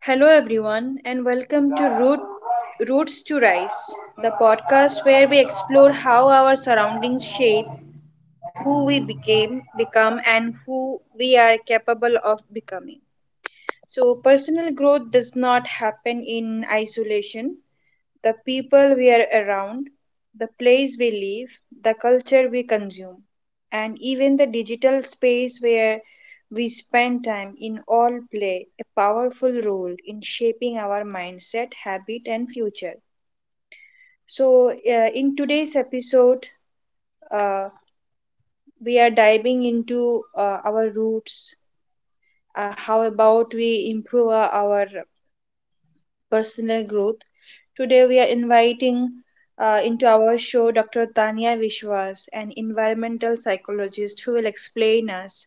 Hello, everyone, and welcome to Roots to Rise, the podcast where we explore how our surroundings shape who we become, and who we are capable of becoming. So, personal growth does not happen in isolation. The people we are around, the place we live, the culture we consume, and even the digital space where we spend time in all play a powerful role in shaping our mindset, habit, and future. So, in today's episode, uh, we are diving into our roots, how about we improve our personal growth. Today, we are inviting into our show Dr. Tanya Vishwas, an environmental psychologist who will explain us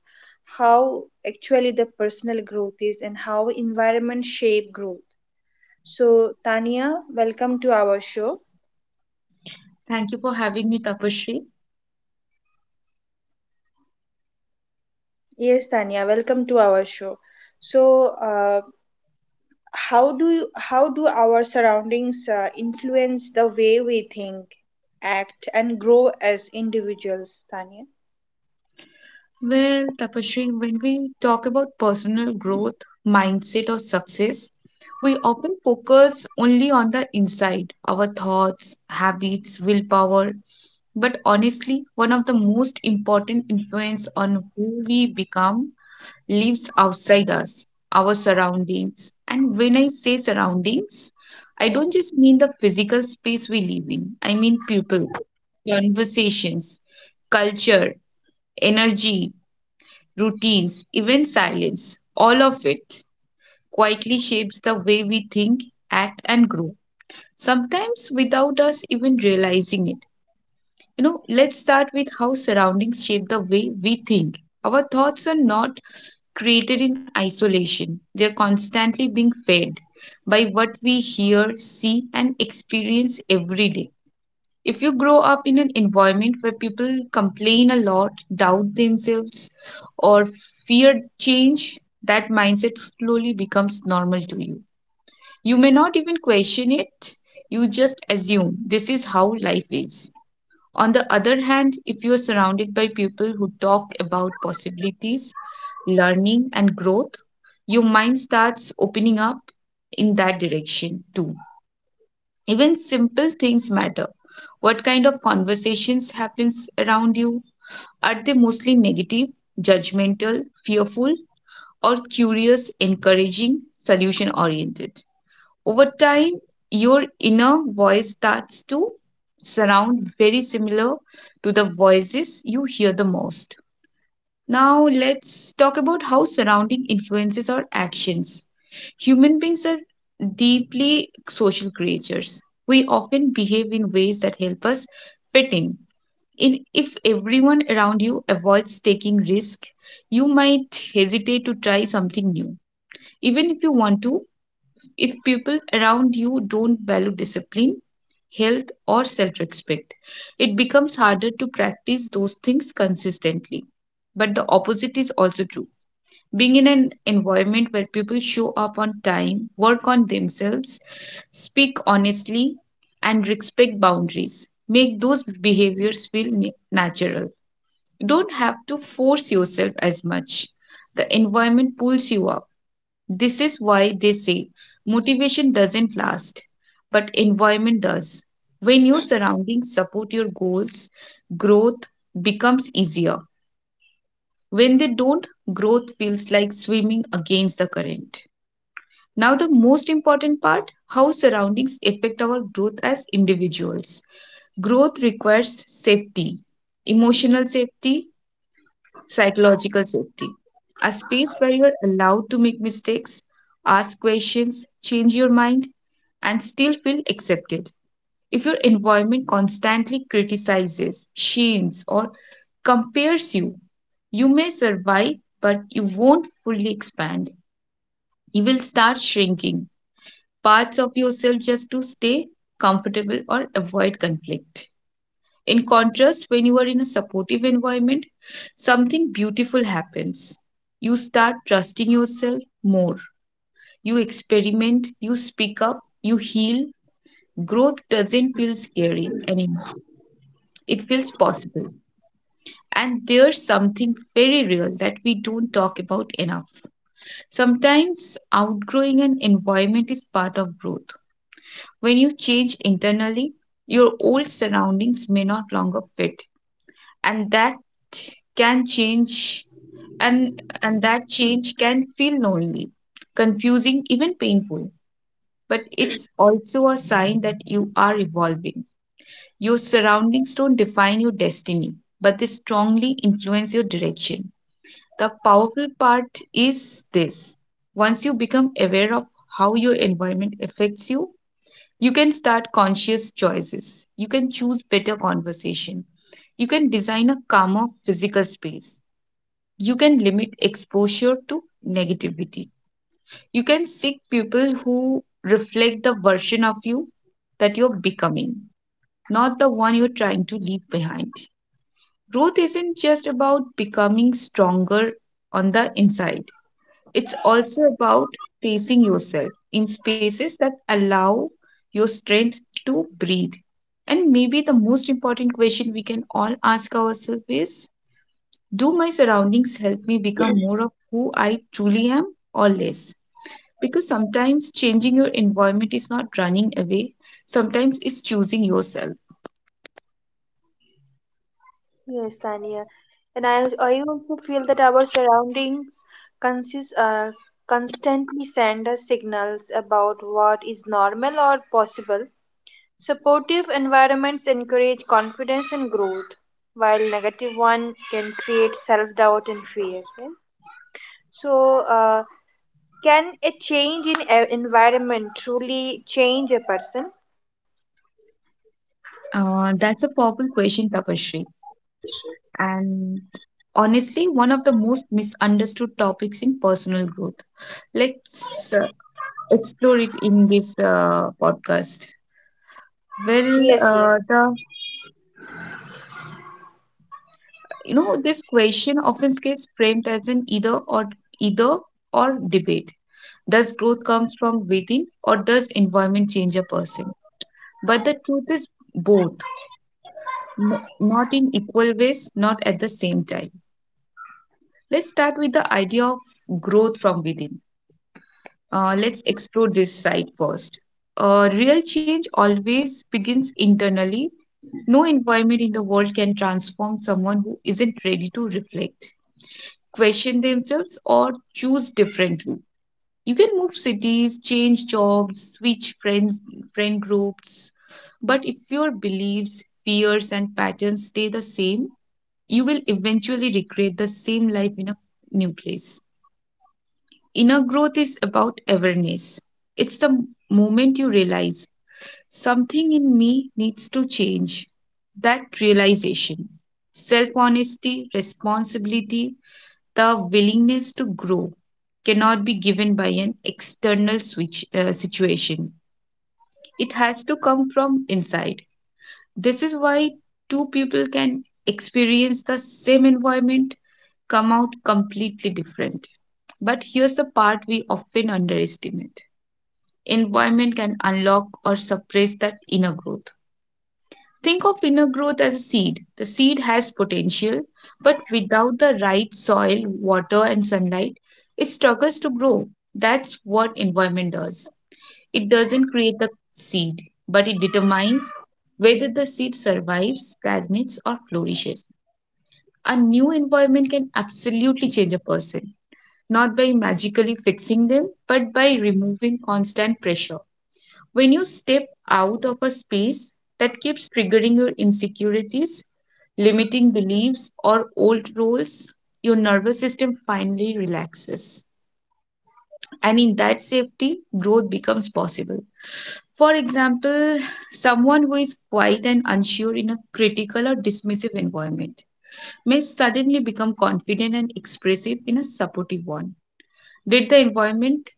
how actually the personal growth is and how environment shape growth. So, Tanya, welcome to our show. Thank you for having me, Tapashri. Yes, Tanya, welcome to our show. So, how do our surroundings influence the way we think, act, and grow as individuals, Tanya? Well, Tapashri, when we talk about personal growth, mindset, or success, we often focus only on the inside, our thoughts, habits, willpower. But honestly, one of the most important influence on who we become lives outside us, our surroundings. And when I say surroundings, I don't just mean the physical space we live in, I mean people, conversations, culture, energy, routines, even silence, all of it quietly shapes the way we think, act, and grow, sometimes without us even realizing it. Let's start with how surroundings shape the way we think. Our thoughts are not created in isolation, they are constantly being fed by what we hear, see, and experience every day. If you grow up in an environment where people complain a lot, doubt themselves, or fear change, that mindset slowly becomes normal to you. You may not even question it, you just assume this is how life is. On the other hand, if you are surrounded by people who talk about possibilities, learning, and growth, your mind starts opening up in that direction too. Even simple things matter. What kind of conversations happens around you? Are they mostly negative, judgmental, fearful, or curious, encouraging, solution oriented? Over time, your inner voice starts to surround very similar to the voices you hear the most. Now, let's talk about how surrounding influences our actions. Human beings are deeply social creatures. We often behave in ways that help us fit in. If everyone around you avoids taking risk, you might hesitate to try something new. Even if you want to, if people around you don't value discipline, health, or self respect, it becomes harder to practice those things consistently. But the opposite is also true, being in an environment where people show up on time, work on themselves, speak honestly, and respect boundaries, make those behaviors feel natural. You don't have to force yourself as much. The environment pulls you up. This is why they say motivation doesn't last, but environment does. When your surroundings support your goals, growth becomes easier. When they don't, growth feels like swimming against the current. Now, the most important part: how surroundings affect our growth as individuals. Growth requires safety, emotional safety, psychological safety. A space where you're allowed to make mistakes, ask questions, change your mind, and still feel accepted. If your environment constantly criticizes, shames, or compares you, you may survive, but you won't fully expand. You will start shrinking parts of yourself just to stay comfortable or avoid conflict. In contrast, when you are in a supportive environment, something beautiful happens. You start trusting yourself more. You experiment, you speak up, you heal. Growth doesn't feel scary anymore, it feels possible. And there's something very real that we don't talk about enough. Sometimes outgrowing an environment is part of growth. When you change internally, your old surroundings may not longer fit, and that can change and that change can feel lonely, confusing, even painful. But it's also a sign that you are evolving. Your surroundings don't define your destiny, but they strongly influence your direction. The powerful part is this: once you become aware of how your environment affects you, you can start conscious choices. You can choose better conversation. You can design a calmer physical space. You can limit exposure to negativity. You can seek people who reflect the version of you that you're becoming, not the one you're trying to leave behind. Growth isn't just about becoming stronger on the inside, it's also about facing yourself in spaces that allow your strength to breathe. And maybe the most important question we can all ask ourselves is: do my surroundings help me become more of who I truly am, or less? Because sometimes changing your environment is not running away, sometimes it's choosing yourself. Yes, Tania. And I also feel that our surroundings consist, uh, constantly send us signals about what is normal or possible. Supportive environments encourage confidence and growth, while negative one can create self doubt and fear, right? So, can a change in a environment truly change a person? That's a powerful question, Tapashri, and honestly one of the most misunderstood topics in personal growth. Let's explore it in this podcast. Well, Yes, yes. The you know this question often gets framed as an either or debate. Does growth comes from within, or does environment change a person? But the truth is both, not in equal ways, not at the same time. Let's start with the idea of growth from within. Let's explore this side first. Real change always begins internally. No environment in the world can transform someone who isn't ready to reflect, question themselves, or choose differently. You can move cities, change jobs, switch friends, friend groups, but if your beliefs, fears, and patterns stay the same, you will eventually recreate the same life in a new place. Inner growth is about awareness. It's the moment you realize something in me needs to change. That realization, self honesty, responsibility, the willingness to grow cannot be given by an external switch, situation. It has to come from inside. This is why two people can experience the same environment come out completely different. But here's the part we often underestimate: environment can unlock or suppress that inner growth. Think of inner growth as a seed. The seed has potential, but without the right soil, water, and sunlight, it struggles to grow. That's what environment does: it doesn't create the seed, but it determines whether the seed survives, stagnates, or flourishes. A new environment can absolutely change a person, not by magically fixing them, but by removing constant pressure. When you step out of a space that keeps triggering your insecurities, limiting beliefs, or old roles, your nervous system finally relaxes. And in that safety, growth becomes possible. For example, someone who is quiet and unsure in a critical or dismissive environment may suddenly become confident and expressive in a supportive one. Did the environment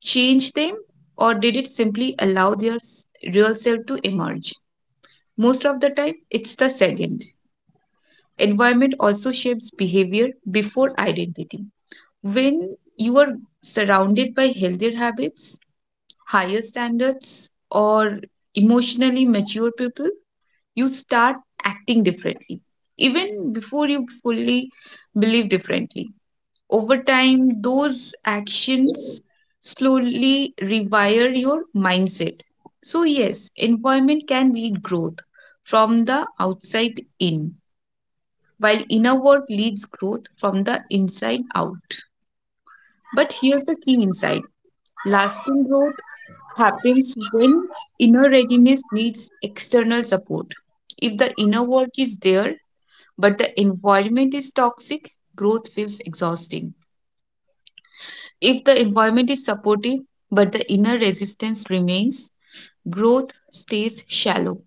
change them, or did it simply allow their real self to emerge? Most of the time, it's the second. Environment also shapes behavior before identity. When you are surrounded by healthier habits, higher standards, or emotionally mature people, you start acting differently, even before you fully believe differently. Over time, those actions slowly rewire your mindset. So, yes, employment can lead growth from the outside in, while inner work leads growth from the inside out. But here's the key insight: lasting growth happens when inner readiness needs external support. If the inner work is there, but the environment is toxic, growth feels exhausting. If the environment is supportive, but the inner resistance remains, growth stays shallow.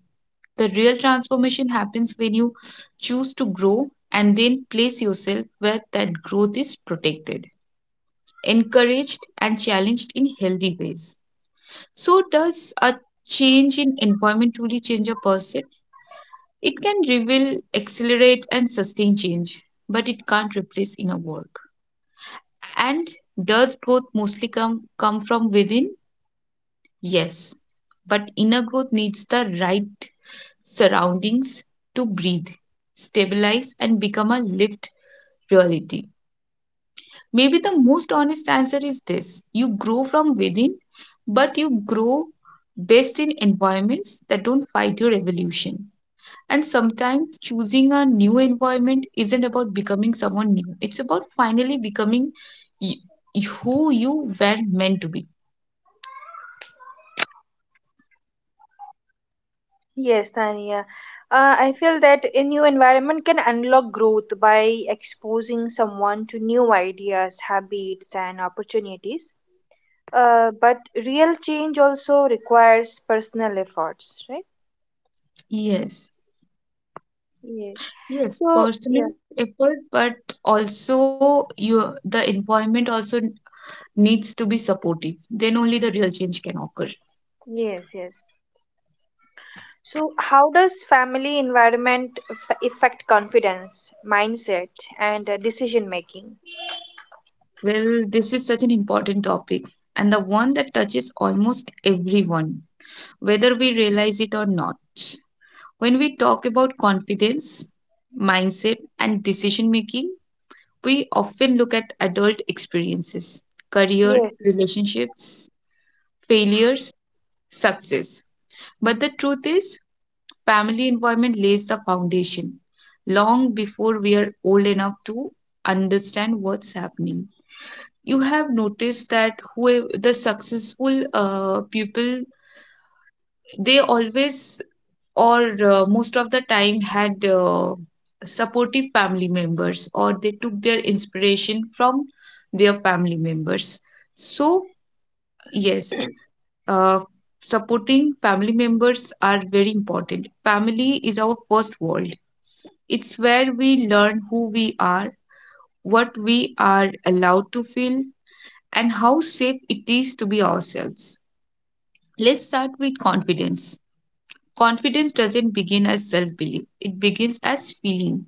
The real transformation happens when you choose to grow and then place yourself where that growth is protected, encouraged, and challenged in healthy ways. So, does a change in environment truly change a person? It can reveal, accelerate, and sustain change, but it can't replace inner work. And does growth mostly come from within? Yes. But inner growth needs the right surroundings to breathe, stabilize, and become a lived reality. Maybe the most honest answer is this: you grow from within, but you grow best in environments that don't fight your evolution. And sometimes choosing a new environment isn't about becoming someone new, it's about finally becoming who you were meant to be. Yes, Tania. I feel that a new environment can unlock growth by exposing someone to new ideas, habits, and opportunities. But real change also requires personal efforts, right? Yes. Yes. Yes, So, personal yeah. effort, but also you the environment also needs to be supportive. Then only the real change can occur. Yes, yes. So, how does family environment affect confidence, mindset, and decision making? Well, this is such an important topic, and the one that touches almost everyone, whether we realize it or not. When we talk about confidence, mindset, and decision making, we often look at adult experiences, career, Yes, relationships, failures, success. But the truth is, family environment lays the foundation long before we are old enough to understand what's happening. You have noticed that who the successful people, they always, or most of the time, had supportive family members, or they took their inspiration from their family members. So, yes, uh, supporting family members are very important. Family is our first world. It's where we learn who we are, what we are allowed to feel, and how safe it is to be ourselves. Let's start with confidence. Confidence doesn't begin as self belief, it begins as feeling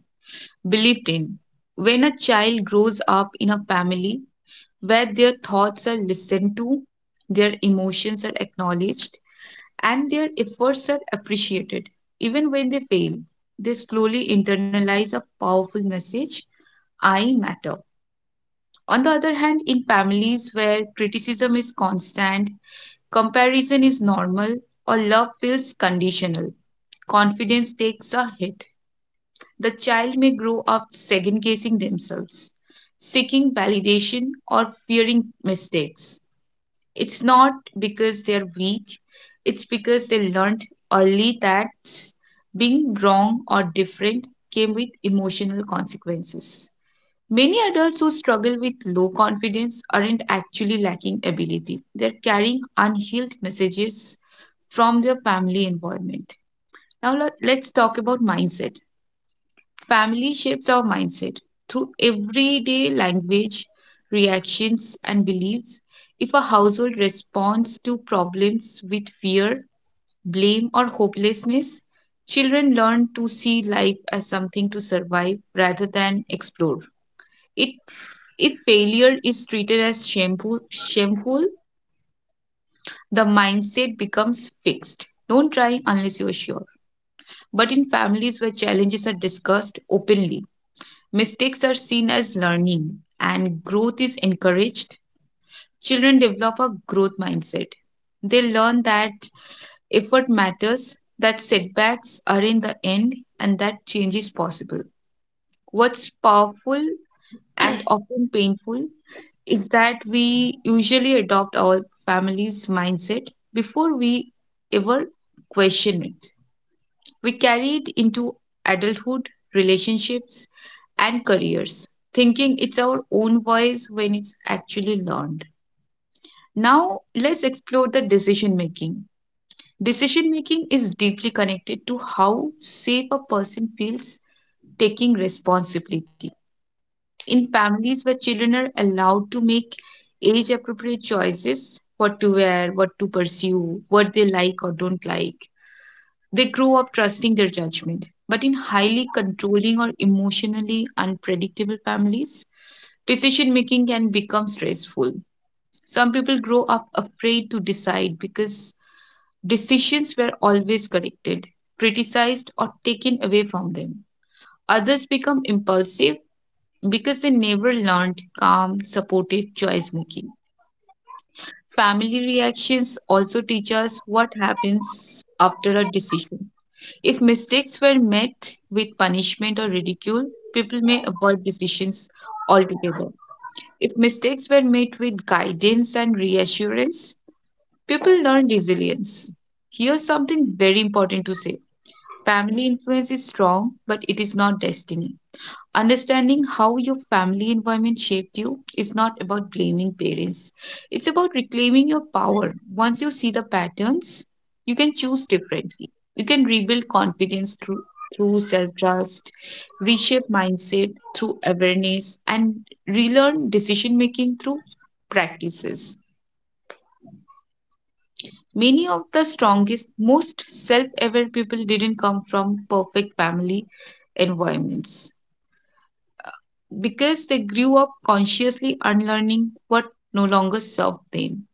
believed in. When a child grows up in a family where their thoughts are listened to, their emotions are acknowledged, and their efforts are appreciated, even when they fail, they slowly internalize a powerful message: I matter. On the other hand, in families where criticism is constant, comparison is normal, or love feels conditional, confidence takes a hit. The child may grow up second guessing themselves, seeking validation, or fearing mistakes. It's not because they're weak, it's because they learned early that being wrong or different came with emotional consequences. Many adults who struggle with low confidence aren't actually lacking ability. They're carrying unhealed messages from their family environment. Now, let's talk about mindset. Family shapes our mindset through everyday language, reactions, and beliefs. If a household responds to problems with fear, blame, or hopelessness, children learn to see life as something to survive rather than explore. It if failure is treated as shameful, the mindset becomes fixed. Don't try unless you're sure. But in families where challenges are discussed openly, mistakes are seen as learning and growth is encouraged, children develop a growth mindset. They learn that effort matters, that setbacks are in the end, and that change is possible. What's powerful and often painful is that we usually adopt our family's mindset before we ever question it. We carry it into adulthood, relationships, and careers, thinking it's our own voice when it's actually learned. Now, let's explore the decision making. Decision making is deeply connected to how safe a person feels taking responsibility in families where children are allowed to make age appropriate choices, what to wear, what to pursue, what they like or don't like. They grow up trusting their judgment. But in highly controlling or emotionally unpredictable families, decision making can become stressful. Some people grow up afraid to decide because decisions were always corrected, criticized, or taken away from them. Others become impulsive because they never learned calm, supported choice making. Family reactions also teach us what happens after a decision. If mistakes were met with punishment or ridicule, people may avoid decisions altogether. If mistakes were met with guidance and reassurance, people learn resilience. Here's something very important to say: family influence is strong, but it is not destiny. Understanding how your family environment shaped you is not about blaming parents. It's about reclaiming your power. Once you see the patterns, you can choose differently. You can rebuild confidence through self trust, reshape mindset through awareness, and relearn decision making through practices. Many of the strongest, most self aware people didn't come from perfect family environments because they grew up consciously unlearning what no longer served them.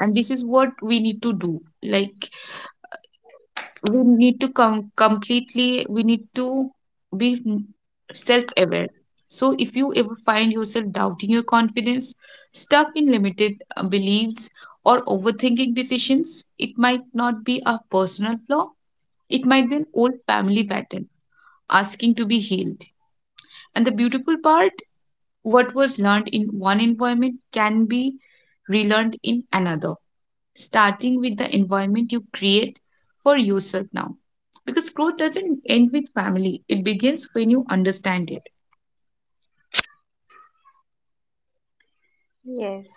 And this is what we need to do. Like, we need to come completely, we need to be self aware. So, if you ever find yourself doubting your confidence, stuck in limited beliefs, or overthinking decisions, it might not be a personal flaw, it might be an old family pattern asking to be healed. And the beautiful part, what was learned in one environment can be relearned in another, starting with the environment you create for yourself now. Because growth doesn't end with family, it begins when you understand it. yes.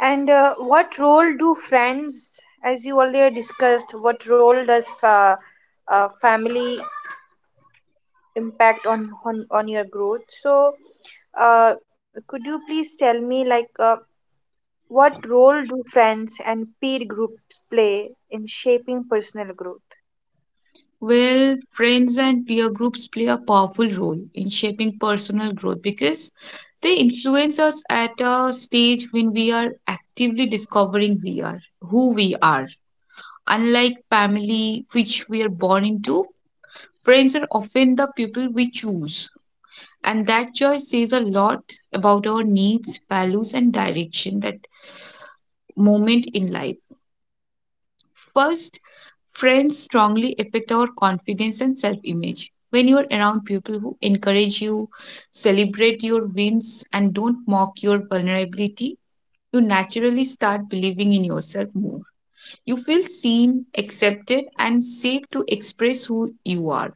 And what role do friends, as you earlier discussed, what role does family impact on, on your growth? So, uh, could you please tell me like what role do friends and peer groups play in shaping personal growth? Well, friends and peer groups play a powerful role in shaping personal growth because they influence us at a stage when we are actively discovering we are who we are, unlike family which we are born into. Friends are often the people we choose, and that choice says a lot about our needs, values, and direction that moment in life. First, friends strongly affect our confidence and self image. When you are around people who encourage you, celebrate your wins, and don't mock your vulnerability, you naturally start believing in yourself more. You feel seen, accepted, and safe to express who you are.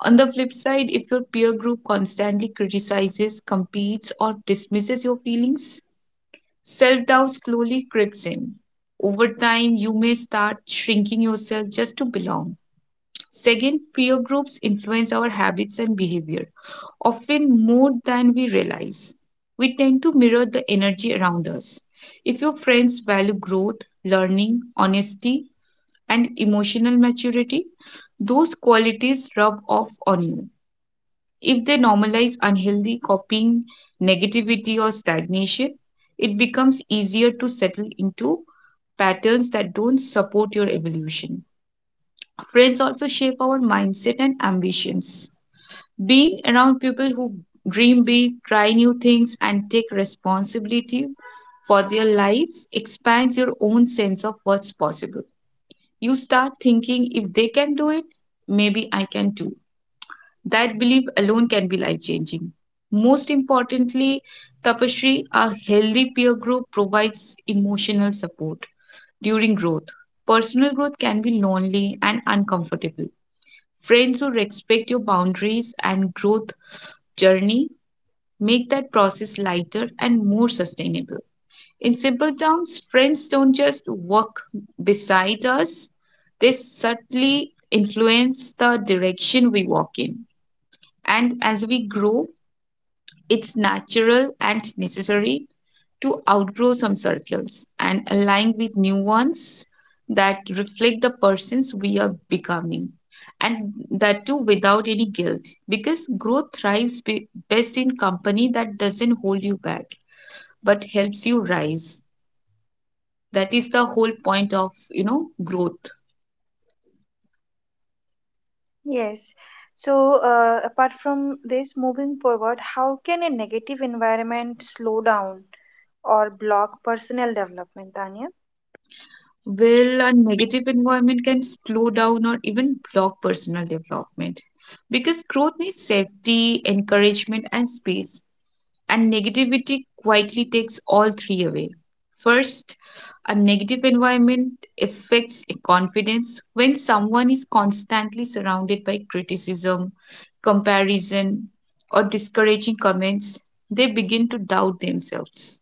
On the flip side, if your peer group constantly criticizes, competes, or dismisses your feelings, self doubt slowly creeps in. Over time, you may start shrinking yourself just to belong. Second, peer groups influence our habits and behavior, often more than we realize. We tend to mirror the energy around us. If your friends value growth, learning, honesty, and emotional maturity, those qualities rub off on you. If they normalize unhealthy copying, negativity, or stagnation, it becomes easier to settle into patterns that don't support your evolution. Friends also shape our mindset and ambitions. Being around people who dream big, try new things, and take responsibility for their lives expands your own sense of what's possible. You start thinking if they can do it, maybe I can too. That belief alone can be life changing. Most importantly, Tapasree, a healthy peer group provides emotional support during growth. Personal growth can be lonely and uncomfortable. Friends who respect your boundaries and growth journey make that process lighter and more sustainable. In simple terms, friends don't just walk beside us, they subtly influence the direction we walk in. And as we grow, it's natural and necessary to outgrow some circles and align with new ones that reflect the persons we are becoming. And that too without any guilt. Because growth thrives best in company that doesn't hold you back but helps you rise. That is the whole point of, you know, growth. Yes. So, apart from this, moving forward, how can a negative environment slow down or block personal development, Tanya? Well, a negative environment can slow down or even block personal development because growth needs safety, encouragement, and space, and negativity quietly takes all three away. First, a negative environment affects confidence. When someone is constantly surrounded by criticism, comparison, or discouraging comments, they begin to doubt themselves.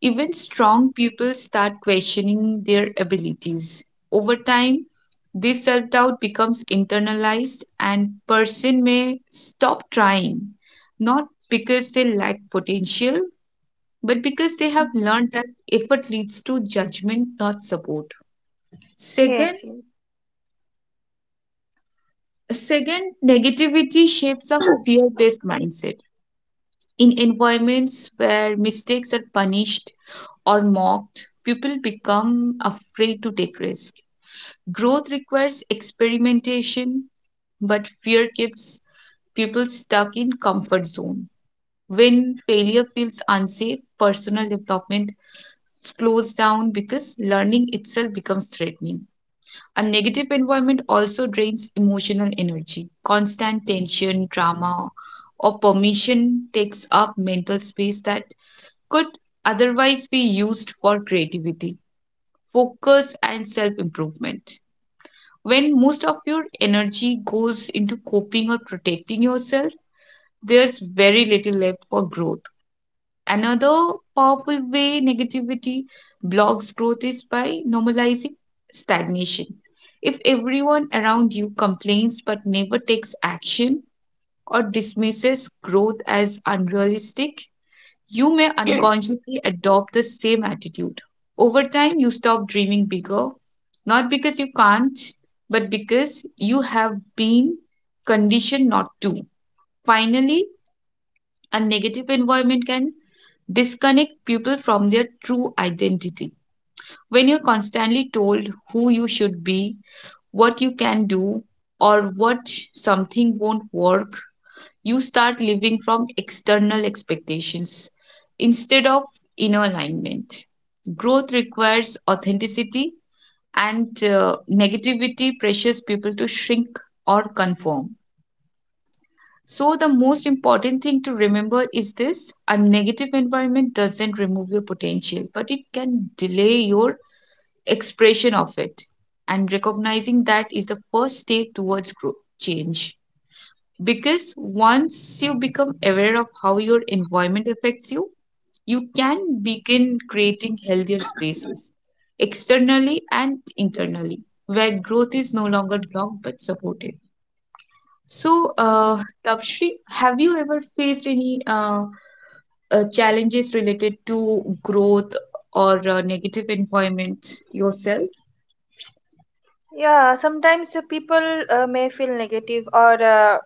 Even strong people start questioning their abilities. Over time, this self doubt becomes internalized, and person may stop trying, not because they lack potential, but because they have Mhm. learned that effort leads to judgment, not support. Second, Yes. Yes. second, negativity shapes a fear-based mindset. In environments where mistakes are punished or mocked, people become afraid to take risk. Growth requires experimentation, but fear keeps people stuck in comfort zone. When failure feels unsafe, personal development slows down because learning itself becomes threatening. A negative environment also drains emotional energy. Constant tension, drama, or permission takes up mental space that could otherwise be used for creativity, focus, and self improvement. When most of your energy goes into coping or protecting yourself, there's very little left for growth. Another powerful way negativity blocks growth is by normalizing stagnation. If everyone around you complains but never takes action or dismisses growth as unrealistic, you may unconsciously adopt the same attitude. Over time, you stop dreaming bigger, not because you can't, but because you have been conditioned not to. Finally, a negative environment can disconnect people from their true identity. When you're constantly told who you should be, what you can do, or what something won't work, you start living from external expectations instead of inner alignment. Growth requires authenticity, and negativity pressures people to shrink or conform. So, the most important thing to remember is this: a negative environment doesn't remove your potential, but it can delay your expression of it. And recognizing that is the first step towards growth, change. Because once you become aware of how your environment affects you, you can begin creating healthier spaces, externally and internally, where growth is no longer blocked but supported. So, Okay. Tapshri, have you ever faced any challenges related to growth or negative employment yourself? Yeah, sometimes people may feel negative or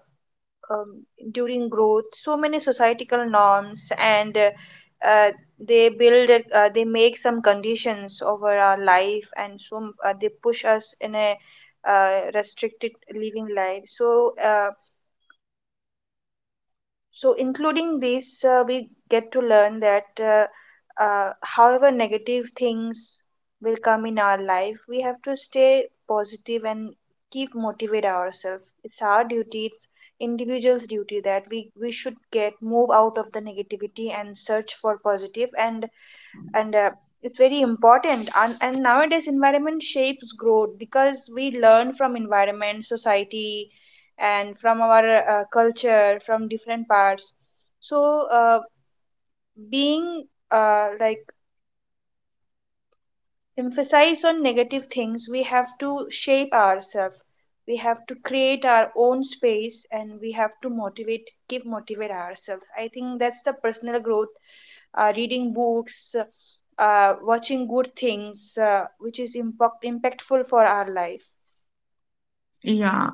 um, during growth, so many societal norms and uh, they they make some conditions over our life, and so they push us in a restricted living life. So, including this, we get to learn that however negative things will come in our life, we have to stay positive and keep motivate ourselves. It's our duty, it's individual's duty that we should get move out of the negativity and search for positive. And it's very important. And nowadays environment shapes growth because we learn from environment, society, and from our culture, from different parts. So being like emphasize on negative things, we have to shape ourselves. We have to create our own space, and we have to motivate keep motivate ourselves. I think that's the personal growth: reading books, watching good things, which is impactful for our life. Yeah,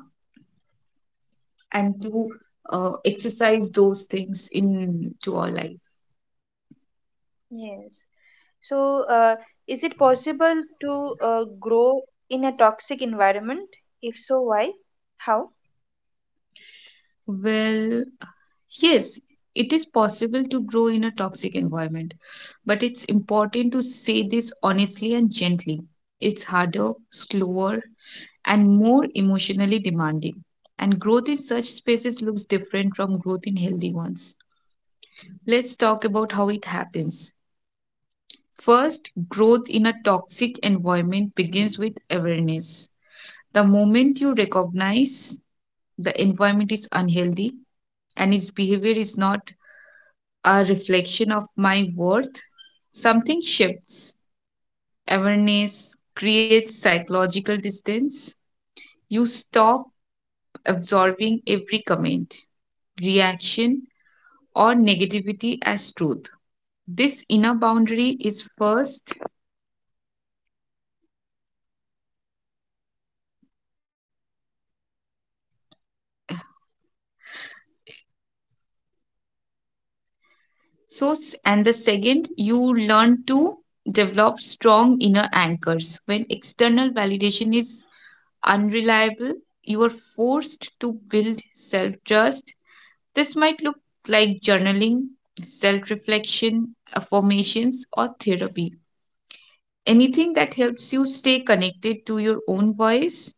and to exercise those things in to our life. Yes. So, is it possible to grow in a toxic environment? If so, why? How? Well, yes, it is possible to grow in a toxic environment, but it's important to say this honestly and gently. It's harder, slower, and more emotionally demanding. And growth in such spaces looks different from growth in healthy ones. Let's talk about how it happens. First, growth in a toxic environment begins with awareness. The moment you recognize the environment is unhealthy and its behavior is not a reflection of my worth, something shifts. Awareness creates psychological distance. You stop absorbing every comment, reaction, or negativity as truth. This inner boundary is first source, and the second, you learn to develop strong inner anchors. When external validation is unreliable, you are forced to build self trust. This might look like journaling, self reflection, affirmations, or therapy. Anything that helps you stay connected to your own voice.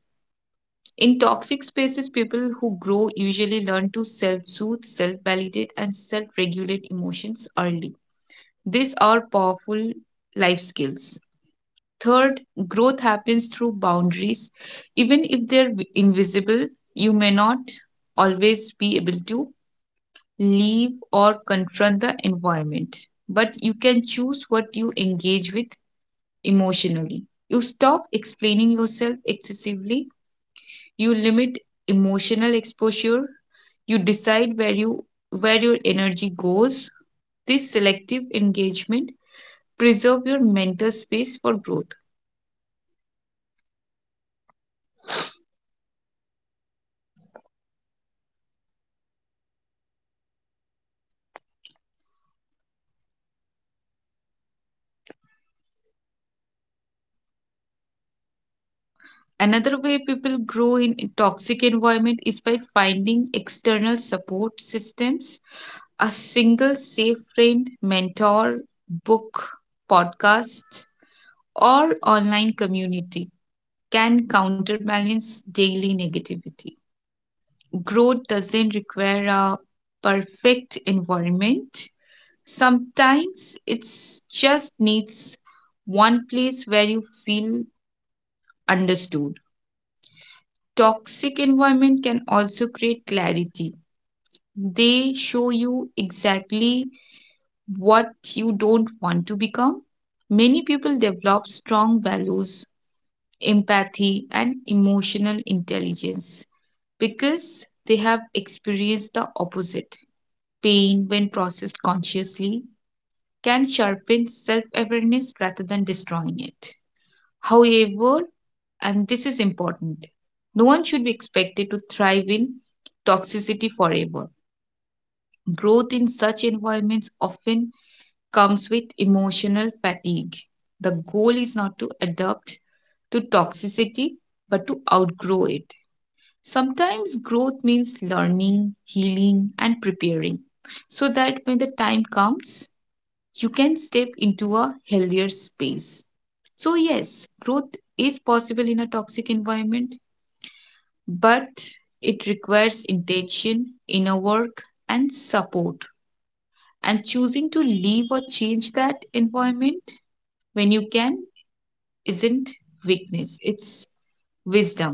In toxic spaces, people who grow usually learn to self soothe, self validate, and self regulate emotions early. These are powerful life skills. Third, growth happens through boundaries. Even if they're invisible, you may not always be able to leave or confront the environment, but you can choose what you engage with emotionally. You stop explaining yourself excessively, you limit emotional exposure. You decide where your energy goes. This selective engagement preserve your mental space for growth. Another way people grow in a toxic environment is by finding external support systems. A single safe friend, mentor, book, podcast, or online community can counterbalance daily negativity. Growth doesn't require a perfect environment. Sometimes it just needs one place where you feel understood. Toxic environment can also create clarity. They show you exactly what you don't want to become. Many people develop strong values, empathy, and emotional intelligence because they have experienced the opposite. Pain, when processed consciously, can sharpen self awareness rather than destroying it. However, and this is important, no one should be expected to thrive in toxicity forever. Growth in such environments often comes with emotional fatigue. The goal is not to adapt to toxicity but to outgrow it. Sometimes growth means learning, healing, and preparing so that when the time comes, you can step into a healthier space. So, yes, growth is possible in a toxic environment, but it requires intention, inner work, and support. And choosing to leave or change that environment when you can isn't weakness, it's wisdom.